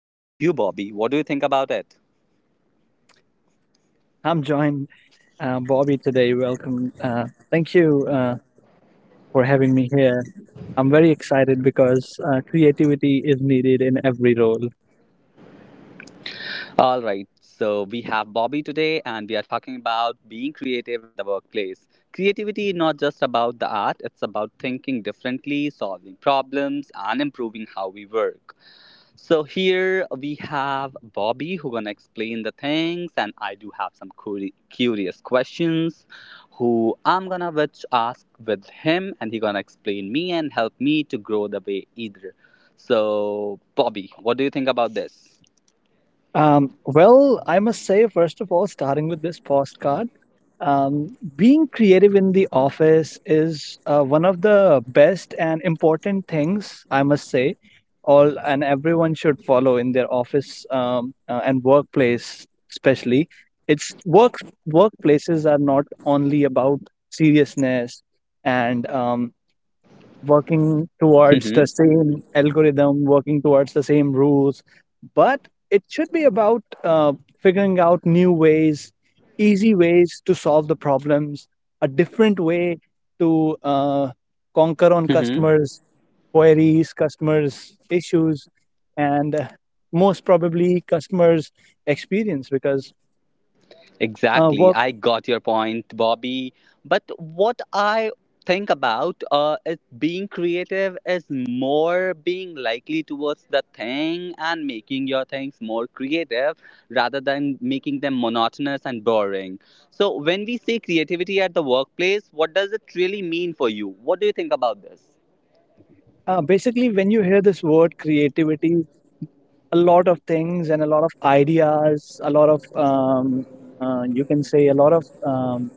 How about you, Bobby? What do you think about it? I'm joined Bobby today. Welcome. Thank you for having me here. I'm very excited because creativity is needed in every role. All right, so we have Bobby today, and we are talking about being creative at the workplace. Creativity is not just about the art, it's about thinking differently, solving problems, and improving how we work. So here we have Bobby who gonna explain the things, and I do have some curious questions who I'm gonna which ask with him, and he gonna explain me and help me to grow the way either. So Bobby, what do you think about this? Well, I must say, first of all, starting with this postcard, being creative in the office is one of the best and important things, I must say, all and everyone should follow in their office and workplace, especially. It's work Workplaces are not only about seriousness and working towards the Hmm. same algorithm, working towards the same rules, but it should be about figuring out new ways, easy ways to solve the problems, a different way to conquer on Hmm. customers' queries, customers' issues, and most probably customers' experience. Uh, Exactly. work, I got your point, Bobby. But what I think about is being creative is more being likely towards the thing and making your things more creative rather than making them monotonous and boring. So, when we say creativity at the workplace, what does it really mean for you? What do you think about this? Basically, when you hear this word creativity, a lot of things and a lot of ideas, a lot of you can say a lot of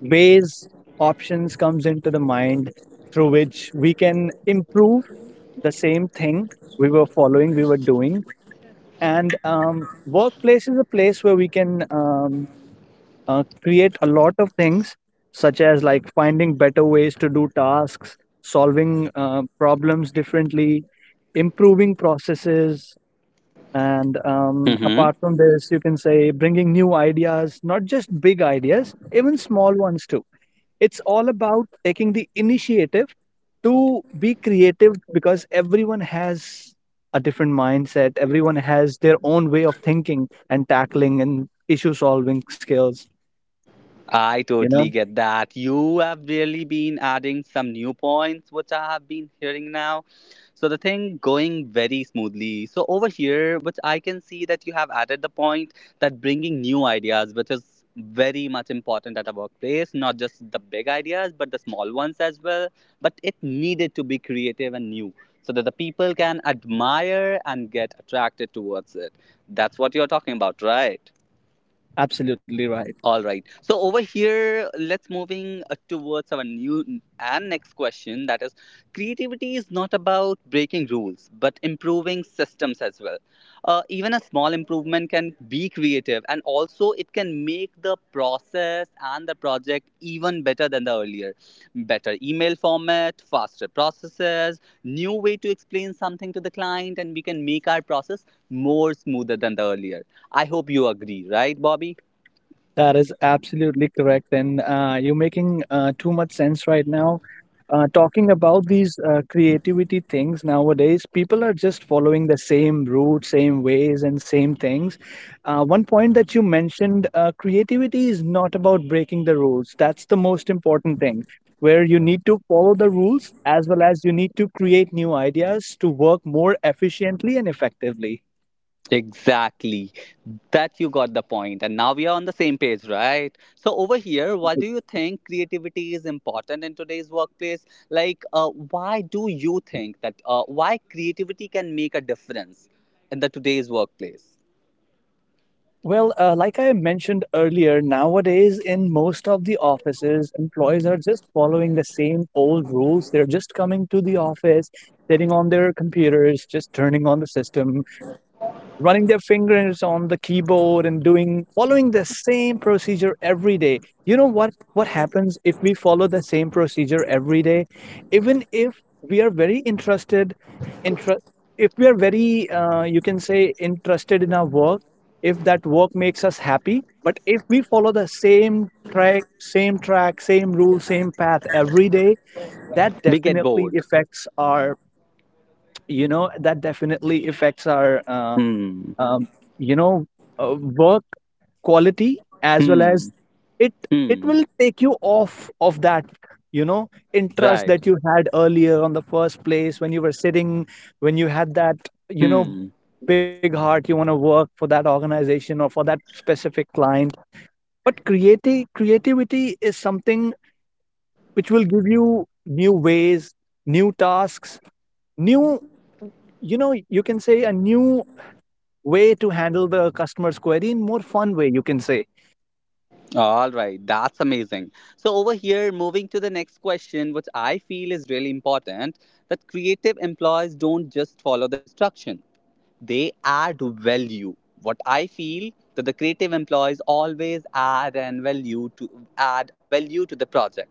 ways options comes into the mind through which we can improve the same thing we were doing. And workplace is a place where we can create a lot of things, such as like finding better ways to do tasks, solving problems differently, improving processes, and Hmm. apart from this, you can say bringing new ideas, not just big ideas, even small ones too. It's all about taking the initiative to be creative because everyone has a different mindset, everyone has their own way of thinking and tackling and issue solving skills, I you totally know? get that. You have really been adding some new points, which I have been hearing now. So the thing going very smoothly. So over here, which I can see that you have added the point that bringing new ideas, which is very much important at a workplace, not just the big ideas, but the small ones as well. But it needed to be creative and new so that the people can admire and get attracted towards it. That's what you're talking about, right? Absolutely right. All right. So over here, let's moving towards our new and next question. That is, creativity is not about breaking rules, but improving systems as well. Even a small improvement can be creative, and also it can make the process and the project even better than the earlier. Better email format, faster processes, new way to explain something to the client, and we can make our process more smoother than the earlier. I hope you agree, right, Bobby? That is absolutely correct. And you're making too much sense right now. Talking about these creativity things nowadays, people are just following the same route, same ways, and same things. One point that you mentioned creativity is not about breaking the rules. That's the most important thing, where you need to follow the rules as well as you need to create new ideas to work more efficiently and effectively. Exactly. That you got the point. And now we are on the same page, right? So over here, why Okay. do you think creativity is important in today's workplace? Like, why do you think that? Why creativity can make a difference in the today's workplace? Well, like I mentioned earlier, nowadays in most of the offices, employees are just following the same old rules. They're just coming to the office, sitting on their computers, just turning on the system, running their fingers on the keyboard and doing following the same procedure every day. You know what happens if we follow the same procedure every day, even if we are very intra- if we are very you can say interested in our work, if that work makes us happy? But if we follow the same track, same rule, same path every day, that We get definitely bored. affects our— you know, that definitely affects our Hmm. um, you know, work quality, as well Hmm. as it it Hmm. will take you off of that, you know, interest Right. that you had earlier on the first place when you were sitting, when you had that, you know, Hmm. big heart, you want to work for that organization or for that specific client. But creative creativity is something which will give you new ways, new tasks, new, you know, you can say a new way to handle the customer's query in more fun way, you can say. All right. That's amazing. So over here, moving to the next question, which I feel is really important, that creative employees don't just follow the instruction, they add value. What I feel that the creative employees always add and value to, add value to the project.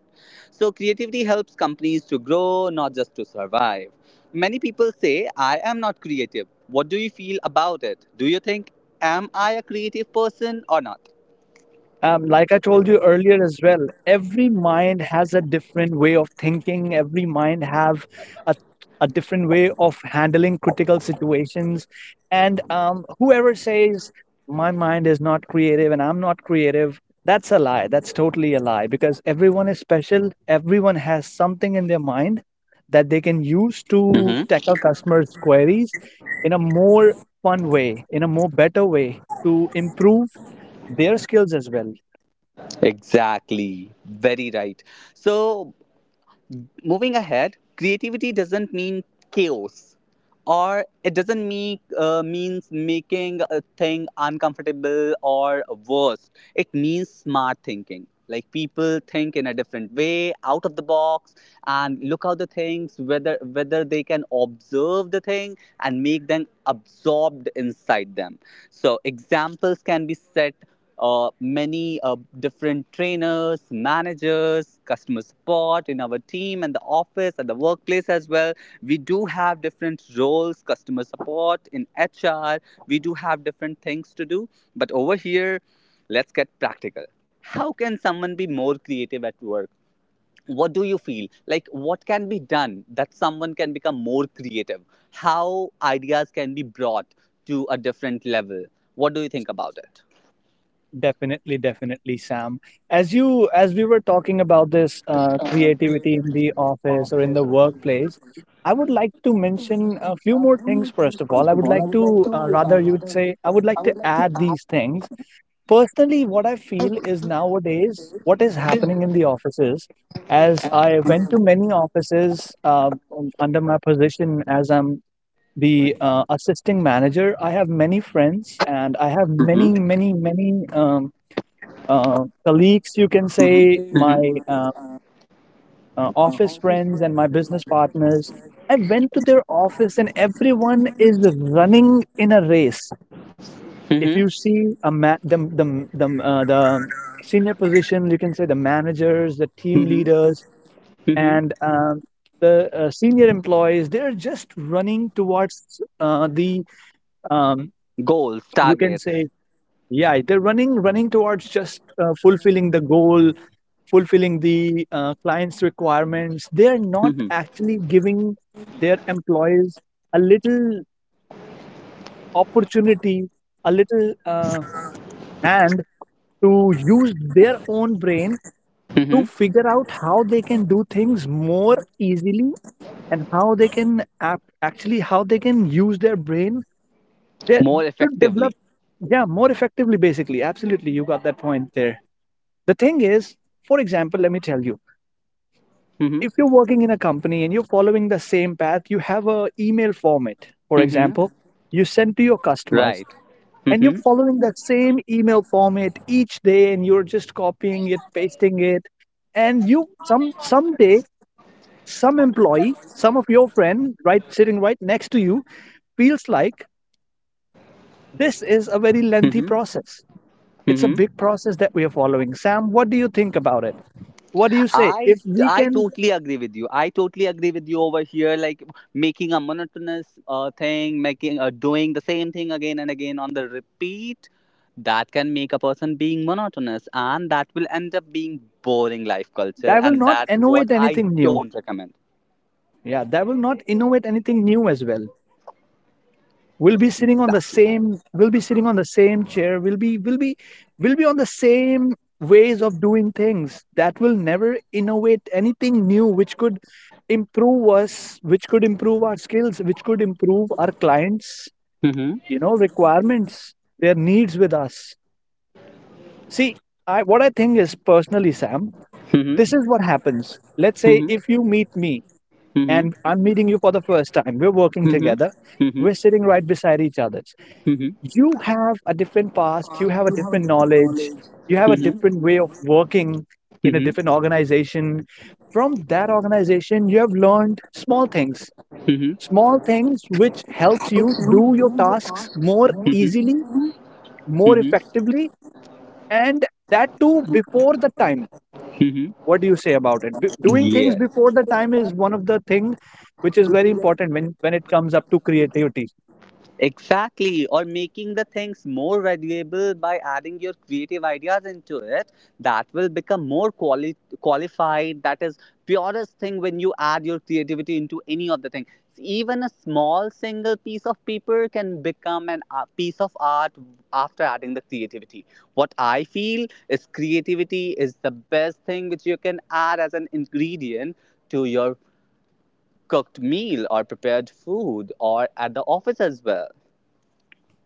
So creativity helps companies to grow, not just to survive. Many people say I am not creative. What do you feel about it? Do you think am I a creative person or not? Like I told you earlier as well, every mind has a different way of thinking. Every mind have a, a different way of handling critical situations. And whoever says my mind is not creative and I'm not creative, that's a lie. That's totally a lie because everyone is special. Everyone has something in their mind that they can use to Hmm. tackle customers' queries in a more fun way, in a more better way to improve their skills as well. Exactly. Very right. So moving ahead, creativity doesn't mean chaos, or it doesn't mean means making a thing uncomfortable or worse. It means smart thinking. Like people think in a different way, out of the box, and look out the things whether they can observe the thing and make them absorbed inside them. So examples can be set, many different trainers, managers, customer support in our team and the office at the workplace as well. We do have different roles, customer support in HR. We do have different things to do. But over here, let's get practical. How can someone be more creative at work? What do you feel? Like, what can be done that someone can become more creative? How ideas can be brought to a different level? What do you think about it? Definitely, definitely, Sam. As we were talking about this creativity in the office or in the workplace, I would like to mention a few more things. First of all, I would like to rather you would say I would like to add these things. Personally, what I feel is nowadays what is happening in the offices. As I went to many offices under my position as I'm the assisting manager, I have many friends and I have many, many, many. Colleagues, you can say, Mm-hmm. my Mm-hmm. Office friends, and my business partners. I went to their office, and everyone is running in a race. If Mm-hmm. you see a the senior position, you can say the managers, the team Mm-hmm. leaders, Mm-hmm. and the senior employees. They're just running towards the um, Goals, you can targets. say— yeah, they're running towards just fulfilling the goal, fulfilling the client's requirements. They're not Mm-hmm. actually giving their employees a little opportunity, a little hand to use their own brain to Mm-hmm. figure out how they can do things more easily, and how they can act, actually how they can use their brain they- More to effectively. develop— yeah, more effectively, basically. Absolutely, you got that point there. The thing is, for example, let me tell you, Mm-hmm. if you're working in a company and you're following the same path, you have a email format, for Mm-hmm. example, you send to your customers, Right. and you're Mm-hmm. following that same email format each day and you're just copying it, pasting it. And you someday, some employee, some of your friend right sitting right next to you feels like this is a very lengthy Mm-hmm. process. It's a Mm-hmm. big process that we are following. Sam, what do you think about it? What do you say? If I we I can, totally agree with you. I totally agree with you over here. Like making a monotonous thing, making doing the same thing again and again on the repeat, that can make a person being monotonous, and that will end up being boring life culture, that will and not that innovate what I anything new. don't recommend. Yeah, that will not innovate anything new as well. We'll be sitting on the Exactly. same— chair. We'll be on the same ways of doing things. That will never innovate anything new which could improve us, which could improve our skills, which could improve our clients, you know, requirements, their needs with us. See, I what I think is personally, Sam, Mm-hmm. this is what happens. Let's say Mm-hmm. if you meet me Mhm. and I'm meeting you for the first time. We're working Mhm. together. Mhm. We're sitting right beside each other. Mhm. You have a different past, you have a different knowledge, you have a Mhm. different way of working in a Mhm. different organization. From that organization, you have learned Mhm. small things which helps you do your tasks more easily, Mhm. more Easily. effectively, and that too before the time. Mhm. What do you say about it? Do Doing things Mhm. before the time is one of the thing which is very important when it comes up to creativity. Exactly, or making the things more valuable by adding your creative ideas into it that will become more qualified. That is purest thing when you add your creativity into any of the thing. Even a small single piece of paper can become an a piece of art after adding the creativity. What I feel is creativity is the best thing which you can add as an ingredient to your cooked meal or prepared food or at the office as well.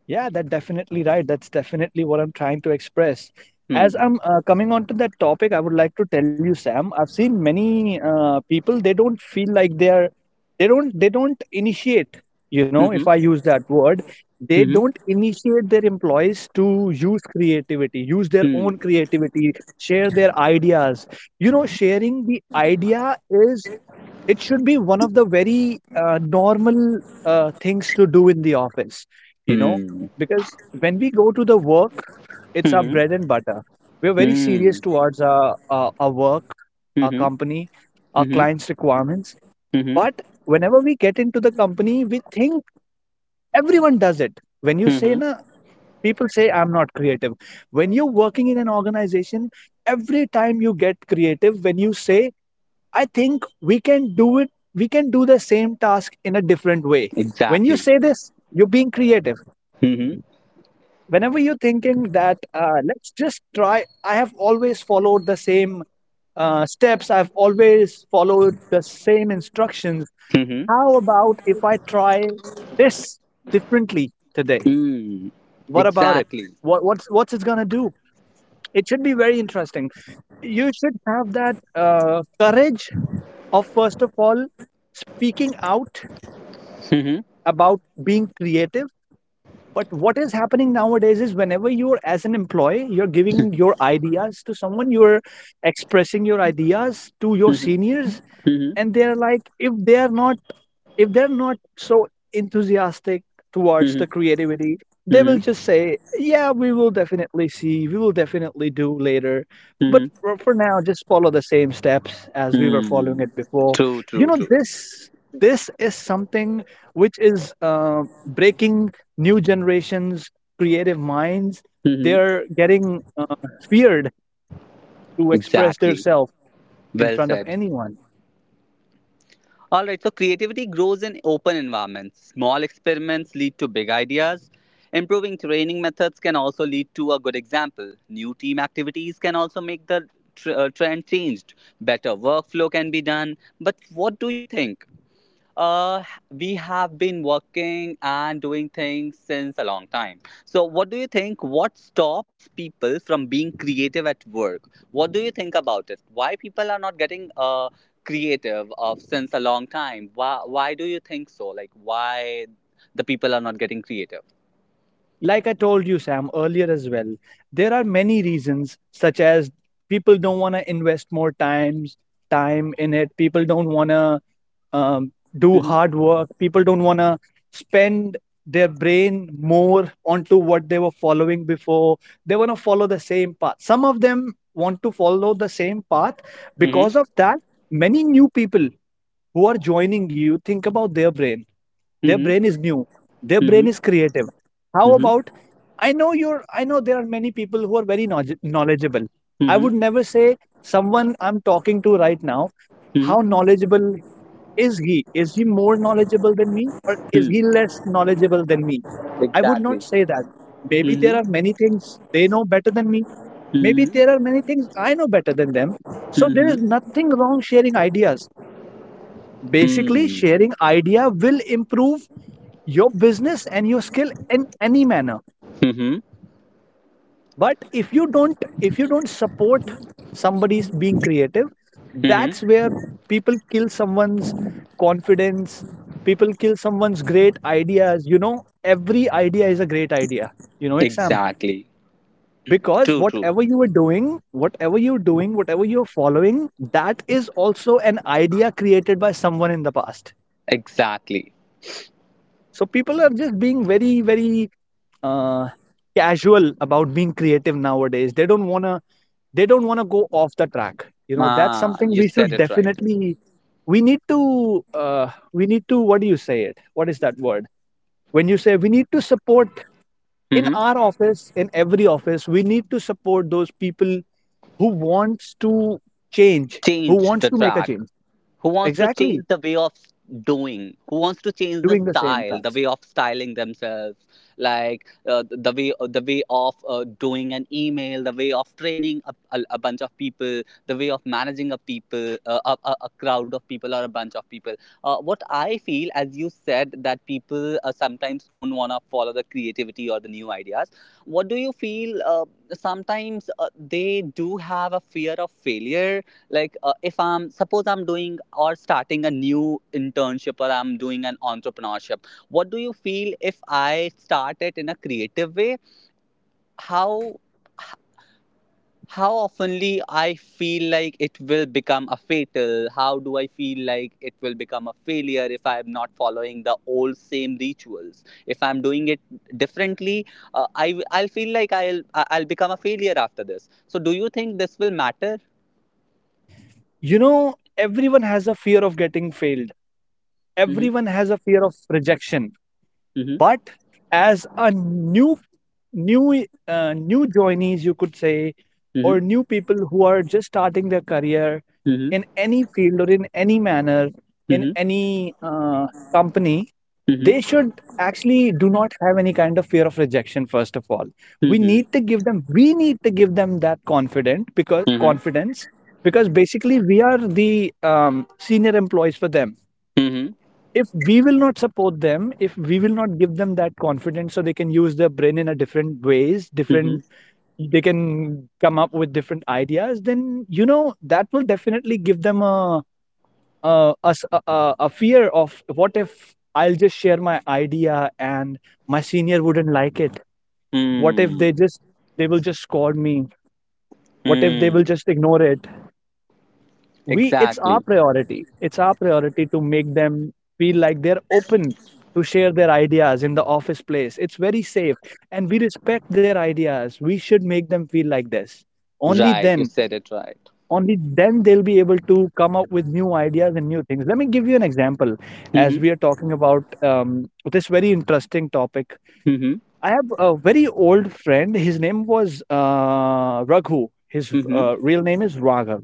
Yeah, that's definitely right. That's definitely what I'm trying to express. Hmm. As I'm coming on to that topic, I would like to tell you, Sam, I've seen many people, they don't feel like they don't initiate, you know, if Mhm. I use that word, they Mhm. don't initiate their employees to use creativity, use their Mhm. own creativity, share their ideas. You know, sharing the idea is— it should be one of the very normal things to do in the office, you know, Mhm. because when we go to the work, it's our Mhm. bread and butter. We're very serious Mhm. towards our work, our Mhm. company, our Mhm. clients' requirements. Mhm. But whenever we get into the company, we think everyone does it. When you say, Mhm. na, people say, I'm not creative. When you're working in an organization, every time you get creative, when you say, I think we can do it. We can do the same task in a different way. When you Exactly. say this, you're being creative. Mhm. Whenever you're thinking that, let's just try, I have always followed the same steps, I've always followed the same instructions. Mhm. How about if I try this differently today? Mhm. What about it? Exactly. What's it going to do? It should be very interesting. You should have that courage of, first of all, speaking out Mhm. about being creative. But what is happening nowadays is whenever you're as an employee, you're giving your ideas to someone, you're expressing your ideas to your Mhm. seniors, Mhm. and they're like, if they are not— if they're not so enthusiastic towards the Mhm. creativity, they will Mhm. just say, "Yeah, we will definitely see. We will definitely do later." But Mhm. for now, just follow the same steps as we were following Mhm. it before. True, You true, know, true. This is something which is breaking new generations' creative minds. Mhm. They're getting feared to express Exactly. themselves in Well front of said. anyone. All right, so creativity grows in open environments. Small experiments lead to big ideas. Improving training methods can also lead to a good example. New team activities can also make the trend changed. Better workflow can be done. But what do you think? Uh, we have been working and doing things since a long time. So, what do you think? What stops people from being creative at work? What do you think about it? Why people are not getting creative of since a long time? Why do you think so? Like, why the people are not getting creative? Like I told you, Sam, earlier as well, there are many reasons, such as people don't want to invest more times time in it. People don't want to um, do Mm-hmm. hard work. People don't want to spend their brain more onto what they were following before. They want to follow the same path. Some of them want to follow the same path. Mm-hmm. Because of that, many new people who are joining you think about their Mm-hmm. brain is new. Their brain is creative. How Mm-hmm. about I know there are many people who are very knowledgeable. I would Mm-hmm. never say someone I'm talking to right now, Mm-hmm. how knowledgeable is he? Is he more knowledgeable than me or is he Mm-hmm. less knowledgeable than me? I would Exactly. not say that. Maybe there Mm-hmm. are many things they know better than me. Maybe there are Mm-hmm. many things I know better than them. So there is Mm-hmm. nothing wrong sharing ideas. Basically, Mm-hmm. sharing idea will improve your business and your skill in any manner, Mm-hmm. but if you don't support somebody's being creative, that's Mm-hmm. where people kill someone's confidence, people kill someone's great ideas. You know, every idea is a great idea, you know it, Sam, Exactly. because True, true. whatever you are doing, whatever you're doing, whatever you're following, that is also an idea created by someone in the past. Exactly. So people are just being very, very, uh, casual about being creative nowadays. They don't wanna go off the track. You know, that's Ah, something you we said should it right. definitely we need to we need to, what do you say it? What is that word? When you say we need to support in our Hmm. office, in every office, we need to support those people who wants to change, who Change wants the to make a track, change. who wants to change Exactly, the way of doing, who wants to change the doing the same style, the task. way of styling themselves, like the way, the way of doing an email, the way of training a bunch of people, the way of managing a people, a crowd of people or a bunch of people. What I feel, as you said, that people sometimes don't want to follow the creativity or the new ideas. What do you feel, sometimes they do have a fear of failure? Like, if I'm suppose I'm doing or starting a new internship or I'm doing an entrepreneurship, what do you feel if I start it in a creative way? how how oftenly I feel like it will become a fatal. How do I feel like it will become a failure if I'm not following the old same rituals if I'm doing it differently? I'll feel like I'll become a failure after this. So do you think this will matter? You know, everyone has a fear of getting failed. Mm-hmm. Everyone has a fear of rejection, Mm-hmm. but as a new new new joinees you could say, or Mm-hmm. new people who are just starting their career Mm-hmm. in any field or in any manner, in Mm-hmm. any company, they Mm-hmm. should actually do not have any kind of fear of rejection. First of all, we need Mm-hmm. to give them we need to give them that confident, because Mm-hmm. confidence, because basically we are the senior employees for them. Mm-hmm. If we will not support them, if we will not give them that confidence, so they can use their brain in a different ways, Mm-hmm. different, they can come up with different ideas, then you know that will definitely give them a a fear of, what if I'll just share my idea and my senior wouldn't like it? What if they Mm. just they will just scold me? What if they will Mm. just ignore it? We, Exactly. It's our priority to make them feel like they're open to share their ideas in the office place, it's very safe, and we respect their ideas. We should make them feel like this. only Right. You then said it right. only then they'll be able to come up with new ideas and new things. Let me give you an example. As Mm-hmm. we are talking about this very interesting topic, Mm-hmm. I have a very old friend. His name was Raghu. His Mm-hmm. real name is Raghav.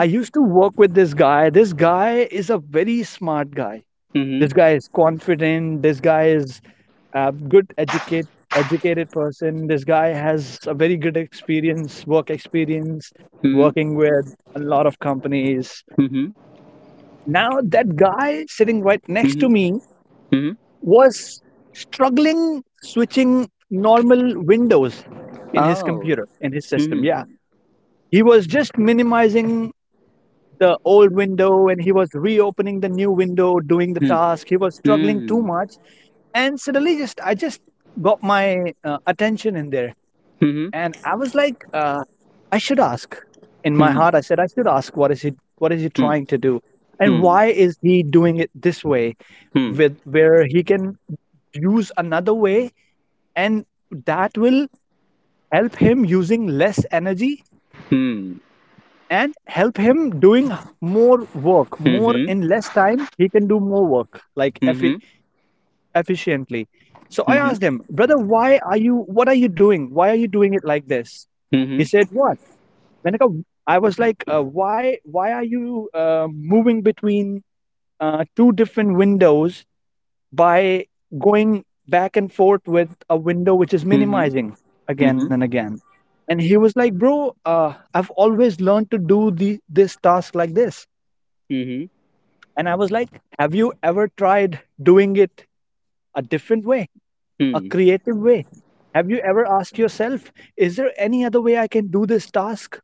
I used to work with this guy. This guy is a very smart guy. Mm-hmm. This guy is confident. This guy is a good educate educated person. This guy has a very good experience, work experience, Mm-hmm. working with a lot of companies. Mm-hmm. Mm-hmm. Now that guy sitting right next to me Mm-hmm. Mm-hmm. was struggling switching normal windows in his Oh. computer, in his system. Mm-hmm. Yeah. He was just minimizing the old window and he was reopening the new window doing the task. He was struggling too Mm-hmm. much, and suddenly just I just got my attention in there, Mm-hmm. and I was like, I should ask, in my Mm-hmm. heart I said I should ask, what is he, what is he trying to do, and Mm-hmm. why is he doing it this way, Mm-hmm. with where he can use another way, and that will help him using less energy, Mm-hmm. and help him doing more work, more Mm-hmm. in less time he can do more work, like Mm-hmm. Mm-hmm. efficiently. So I asked him, brother, why are you what are you doing, why are you doing it like this? He Mm-hmm. said, what, Manika? I was like, why are you moving between two different windows by going back and forth with a window which is Mm-hmm. minimizing again and Mm-hmm. again? And he was like, "Bro, I've always learned to do the this task like this." Mm-hmm. And I was like, "Have you ever tried doing it a different way, a Mm. creative way? Have you ever asked yourself, is there any other way I can do this task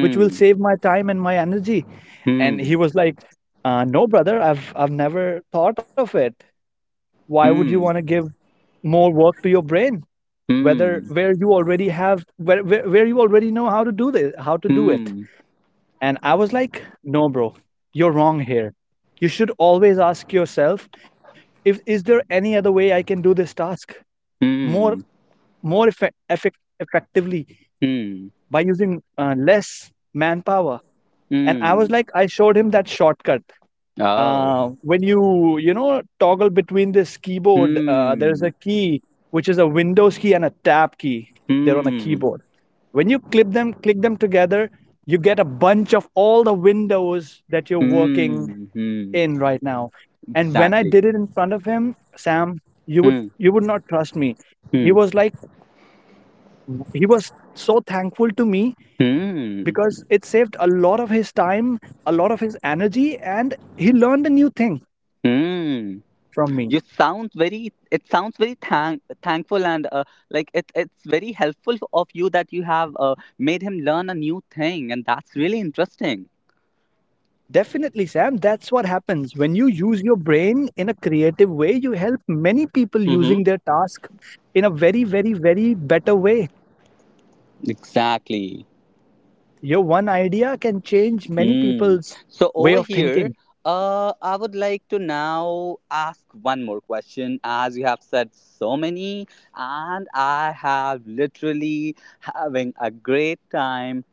which will Mm. save my time and my energy?" And Mm. he was like, "No, brother, I've never thought of it. Why would you want to Mm. give more work to your brain whether where you already have, where you already know how to do it?" Mm. And I was like, no, bro, you're wrong here, you should always ask yourself, if is there any other way I can do this task more Mm. Effectively Mm. by using less manpower. And I was Mm. like, I showed him that shortcut. Oh. When you know, toggle between this keyboard, there's Hmm. a key which is a windows key and a tab key. They're on a Hmm. keyboard. When you clip them click them together, you get a bunch of all the windows that you're working Hmm. Hmm. in right now. And when I Exactly. did it in front of him, Sam, Hmm. you would not trust me. He Hmm. was like, he was so thankful to me Hmm. because it saved a lot of his time, a lot of his energy, and he learned a new thing Hmm. from me. You sound very. It sounds very thankful and like it. It's very helpful of you that you have made him learn a new thing, and that's really interesting. Definitely, Sam. That's what happens. When you use your brain in a creative way, you help many people Mm-hmm. using their task in a very, very, very better way. Exactly. Your one idea can change many Mm. people's So way over of here, thinking. I would like to now ask one more question. As you have said so many, and I have literally having a great time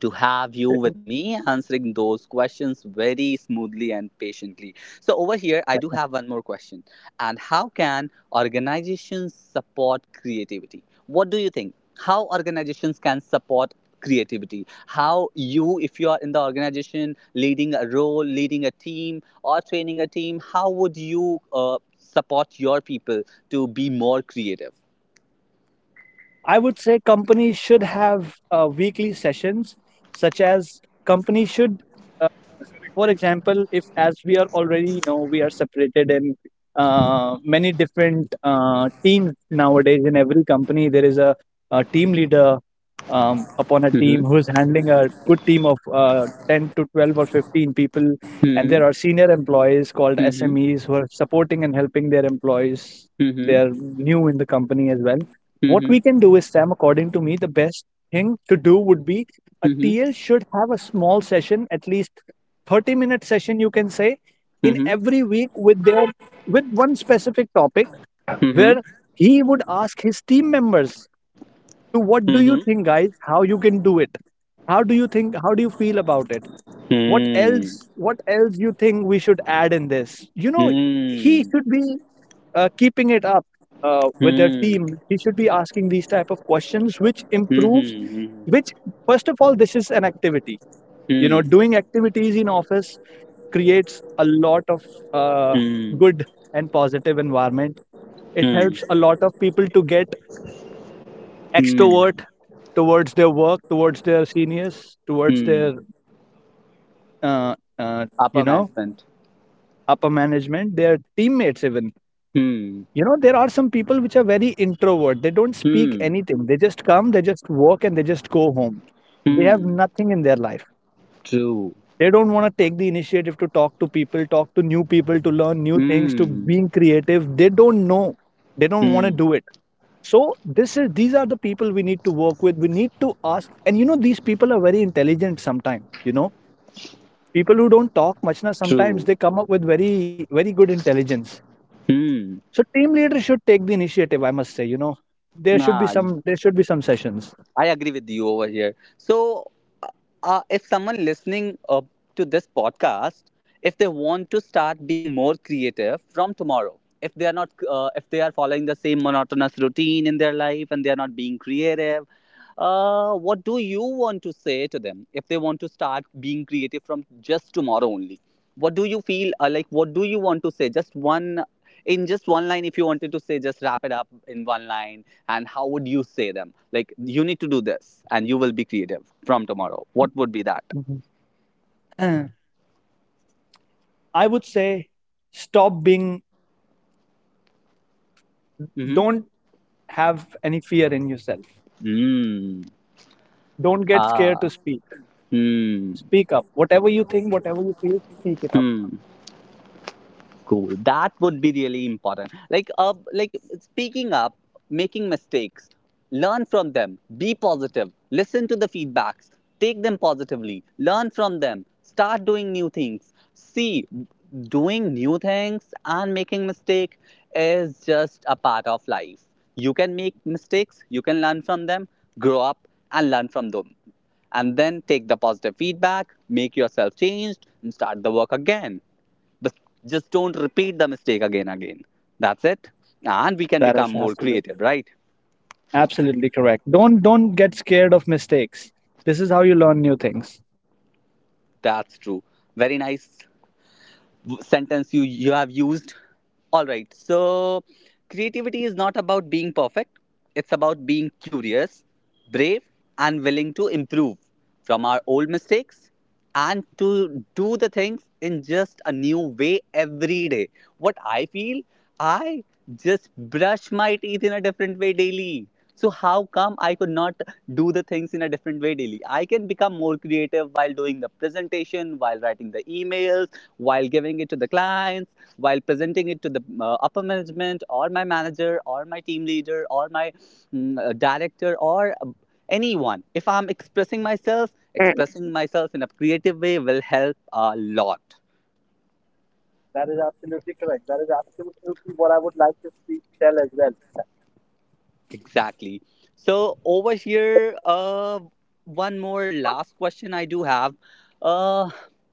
to have you with me answering those questions very smoothly and patiently. So, over here, I do have one more question. And how can organizations support creativity? What do you think? How organizations can support creativity? How you, if you are in the organization leading a role, leading a team, or training a team, how would you support your people to be more creative? I would say companies should have weekly sessions, such as companies should. uh, for example, if as we are already know, we are separated in many different teams nowadays. In every company there is a team leader upon a team who Mm-hmm. is handling a good team of 10 to 12 or 15 people, and there Mm-hmm. are senior employees called Mm-hmm. SMEs who are supporting and helping their employees. They Mm-hmm. are new in the company as well. What Mm-hmm. we can do is, Sam, according to me, the best thing to do would be, a Mm-hmm. TL should have a small session, at least 30-minute session you can say, in Mm-hmm. every week with their, with one specific topic, Mm-hmm. where he would ask his team members to, what do you Mhm. think, guys, how you can do it, how do you think, how do you feel about it, what else, Mm. what else you think we should add in this, you know. He Mm. should be keeping it up with their Mm. team. He should be asking these type of questions which improves, Mhm. which, first of all, this is an activity. You know, Mm. doing activities in office creates a lot of uh, Mm. good and positive environment. It helps a Mm. lot of people to get Mm. extrovert towards their work, towards their seniors, towards Mm. their uh, uh, Upper you know, management. upper management, their teammates even. Mm. You know, there are some people which are very introvert. They don't speak Mm. anything. They just come, they just work, and they just go home. They have Mm. nothing in their life. True. They don't wanna take the initiative to talk to people, talk to new people, to learn new things, to Mm. being creative. They don't know. They don't wanna Mm. do it. So this is, these are the people we need to work with. We need to ask, and, you know, these people are very intelligent sometimes, you know. People who don't talk much, now True. sometimes they come up with very, very good intelligence. Mm. So team leaders should take the initiative, I must say, you know. There should be Nah, some there should be some sessions. I agree with you over here. So if someone listening to this podcast, if they want to start being more creative from tomorrow, if they are not, if they are following the same monotonous routine in their life and they are not being creative, what do you want to say to them if they want to start being creative from just tomorrow only? What do you feel like? What do you want to say? Just one, in just one line, if you wanted to say, just wrap it up in one line, and how would you say them? Like, you need to do this and you will be creative from tomorrow. What would be that? Mhm. Uh, I would say, stop being Mm-hmm. don't have any fear in yourself. Mm. Don't get scared Ah. to speak. Hmm. Speak up. Whatever you think, whatever you feel, speak it up. Hmm. Cool. That would be really important. Like speaking up, making mistakes, learn from them. Be positive. Listen to the feedbacks. Take them positively. Learn from them. Start doing new things. See, doing new things and making mistake is just a part of life. You can make mistakes. You can learn from them. Grow up and learn from them, and then take the positive feedback, make yourself changed, and start the work again. But just don't repeat the mistake again. That's it. And we can That is become more absolutely, creative, right? absolutely correct. Don't get scared of mistakes. This is how you learn new things. That's true. Very nice sentence you have used. All right, so creativity is not about being perfect, it's about being curious, brave, and willing to improve from our old mistakes and to do the things in just a new way every day. What I feel, I just brush my teeth in a different way daily, so how come I could not do the things in a different way daily? I can become more creative while doing the presentation, while writing the emails, while giving it to the clients, while presenting it to the upper management or my manager or my team leader or my director or anyone. If I'm Mm. expressing myself in a creative way will help a lot. That is absolutely correct. That is absolutely what I would like to speak, tell as well. Exactly. So over here, one more last question I do have. Uh,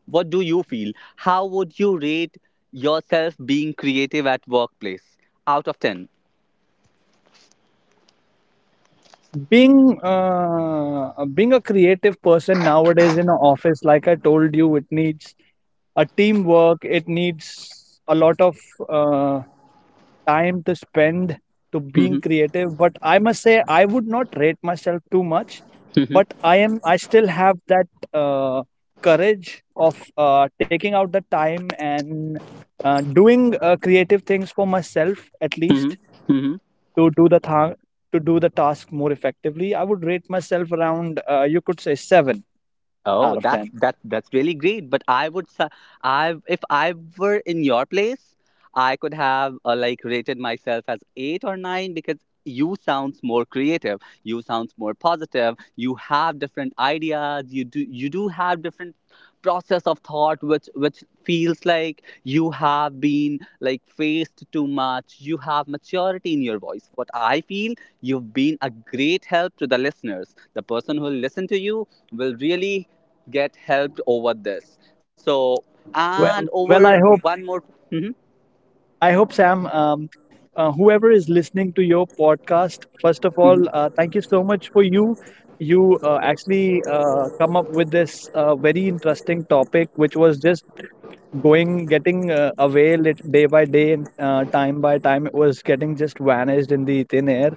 what do you feel? How would you rate yourself being creative at workplace out of 10? Being being a creative person nowadays in an office, like I told you, it needs a teamwork. It needs a lot of uh, time to spend to being creative. But I must say, I would not rate myself too much. But I am. I still have that uh, courage of taking out the time and doing creative things for myself, at Mhm. least Mhm. to to do the task more effectively. I would rate myself around you could say, seven Oh, out of that's ten. that that's really great. But I, if I were in your place, I could have like rated myself as 8 or 9, because you sounds more creative. You sounds more positive. You have different ideas. You do have different process of thought, which feels like you have been like faced too much. You have maturity in your voice. What I feel, you've been a great help to the listeners. The person who will listen to you will really get helped over this. So, and Well, over well, one more. Hmm I hope Sam, whoever is listening to your podcast, first of all, thank you so much for you. You actually come up with this very interesting topic, which was just going getting away day by day, and time by time. It was getting just vanished in the thin air.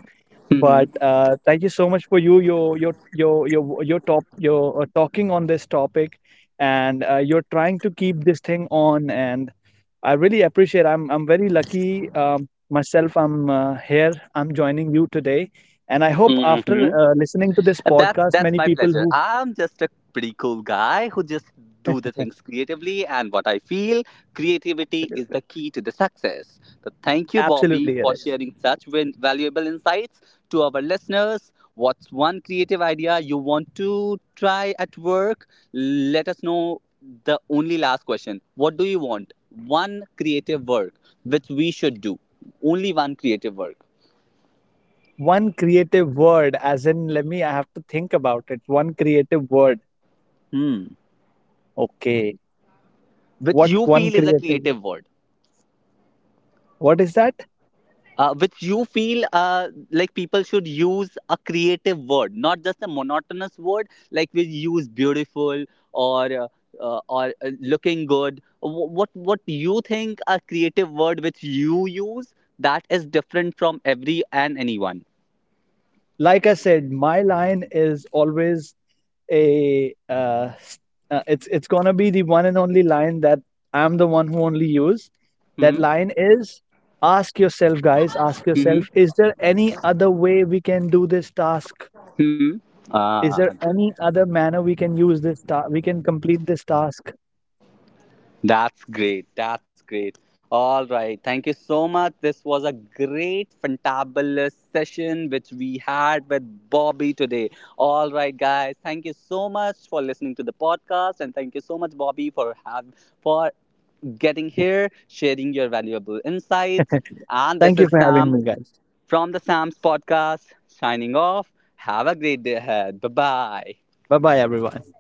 But hmm thank you so much for your top your talking on this topic, and you're trying to keep this thing on, and I really appreciate. I'm very lucky, myself. I'm here. I'm joining you today, and I hope after hmm listening to this And that's podcast, that's many my people pleasure. who I'm just a pretty cool guy who just do the things creatively, and what I feel, creativity is absolutely, the key to the success. So thank you, Bobby, absolutely it for is. sharing such valuable insights to our listeners. What's one creative idea you want to try at work? Let us know. The only last question. What do you want? One creative work which we should do. Only one creative work. One creative word. As in, let me. I have to think about it. One creative word. Hmm. Okay, Which what you one feel is a creative word? creative word, What is that? Which you feel, like, people should use a creative word, not just a monotonous word like we use beautiful or uh, or looking good. What you think a creative word which you use that is different from every and anyone. Like I said, my line is always a uh, s- it's gonna be the one and only line that I'm the one who only use. That Mm-hmm. line is, ask yourself, guys, ask yourself, is Mm-hmm. there any other way we can do this task? Mm-hmm. Is Ah, there any other manner we can use this ta? We can complete this task? that's great. That's great. All right, thank you so much. This was a great, fantabulous session which we had with Bobby today. All right, guys, thank you so much for listening to the podcast, and thank you so much, Bobby, for have for getting here, sharing your valuable insights. And this Thank you is for having Sam me, guys. from the Sam's podcast. Signing off. Have a great day ahead. Bye bye. Bye bye, everyone.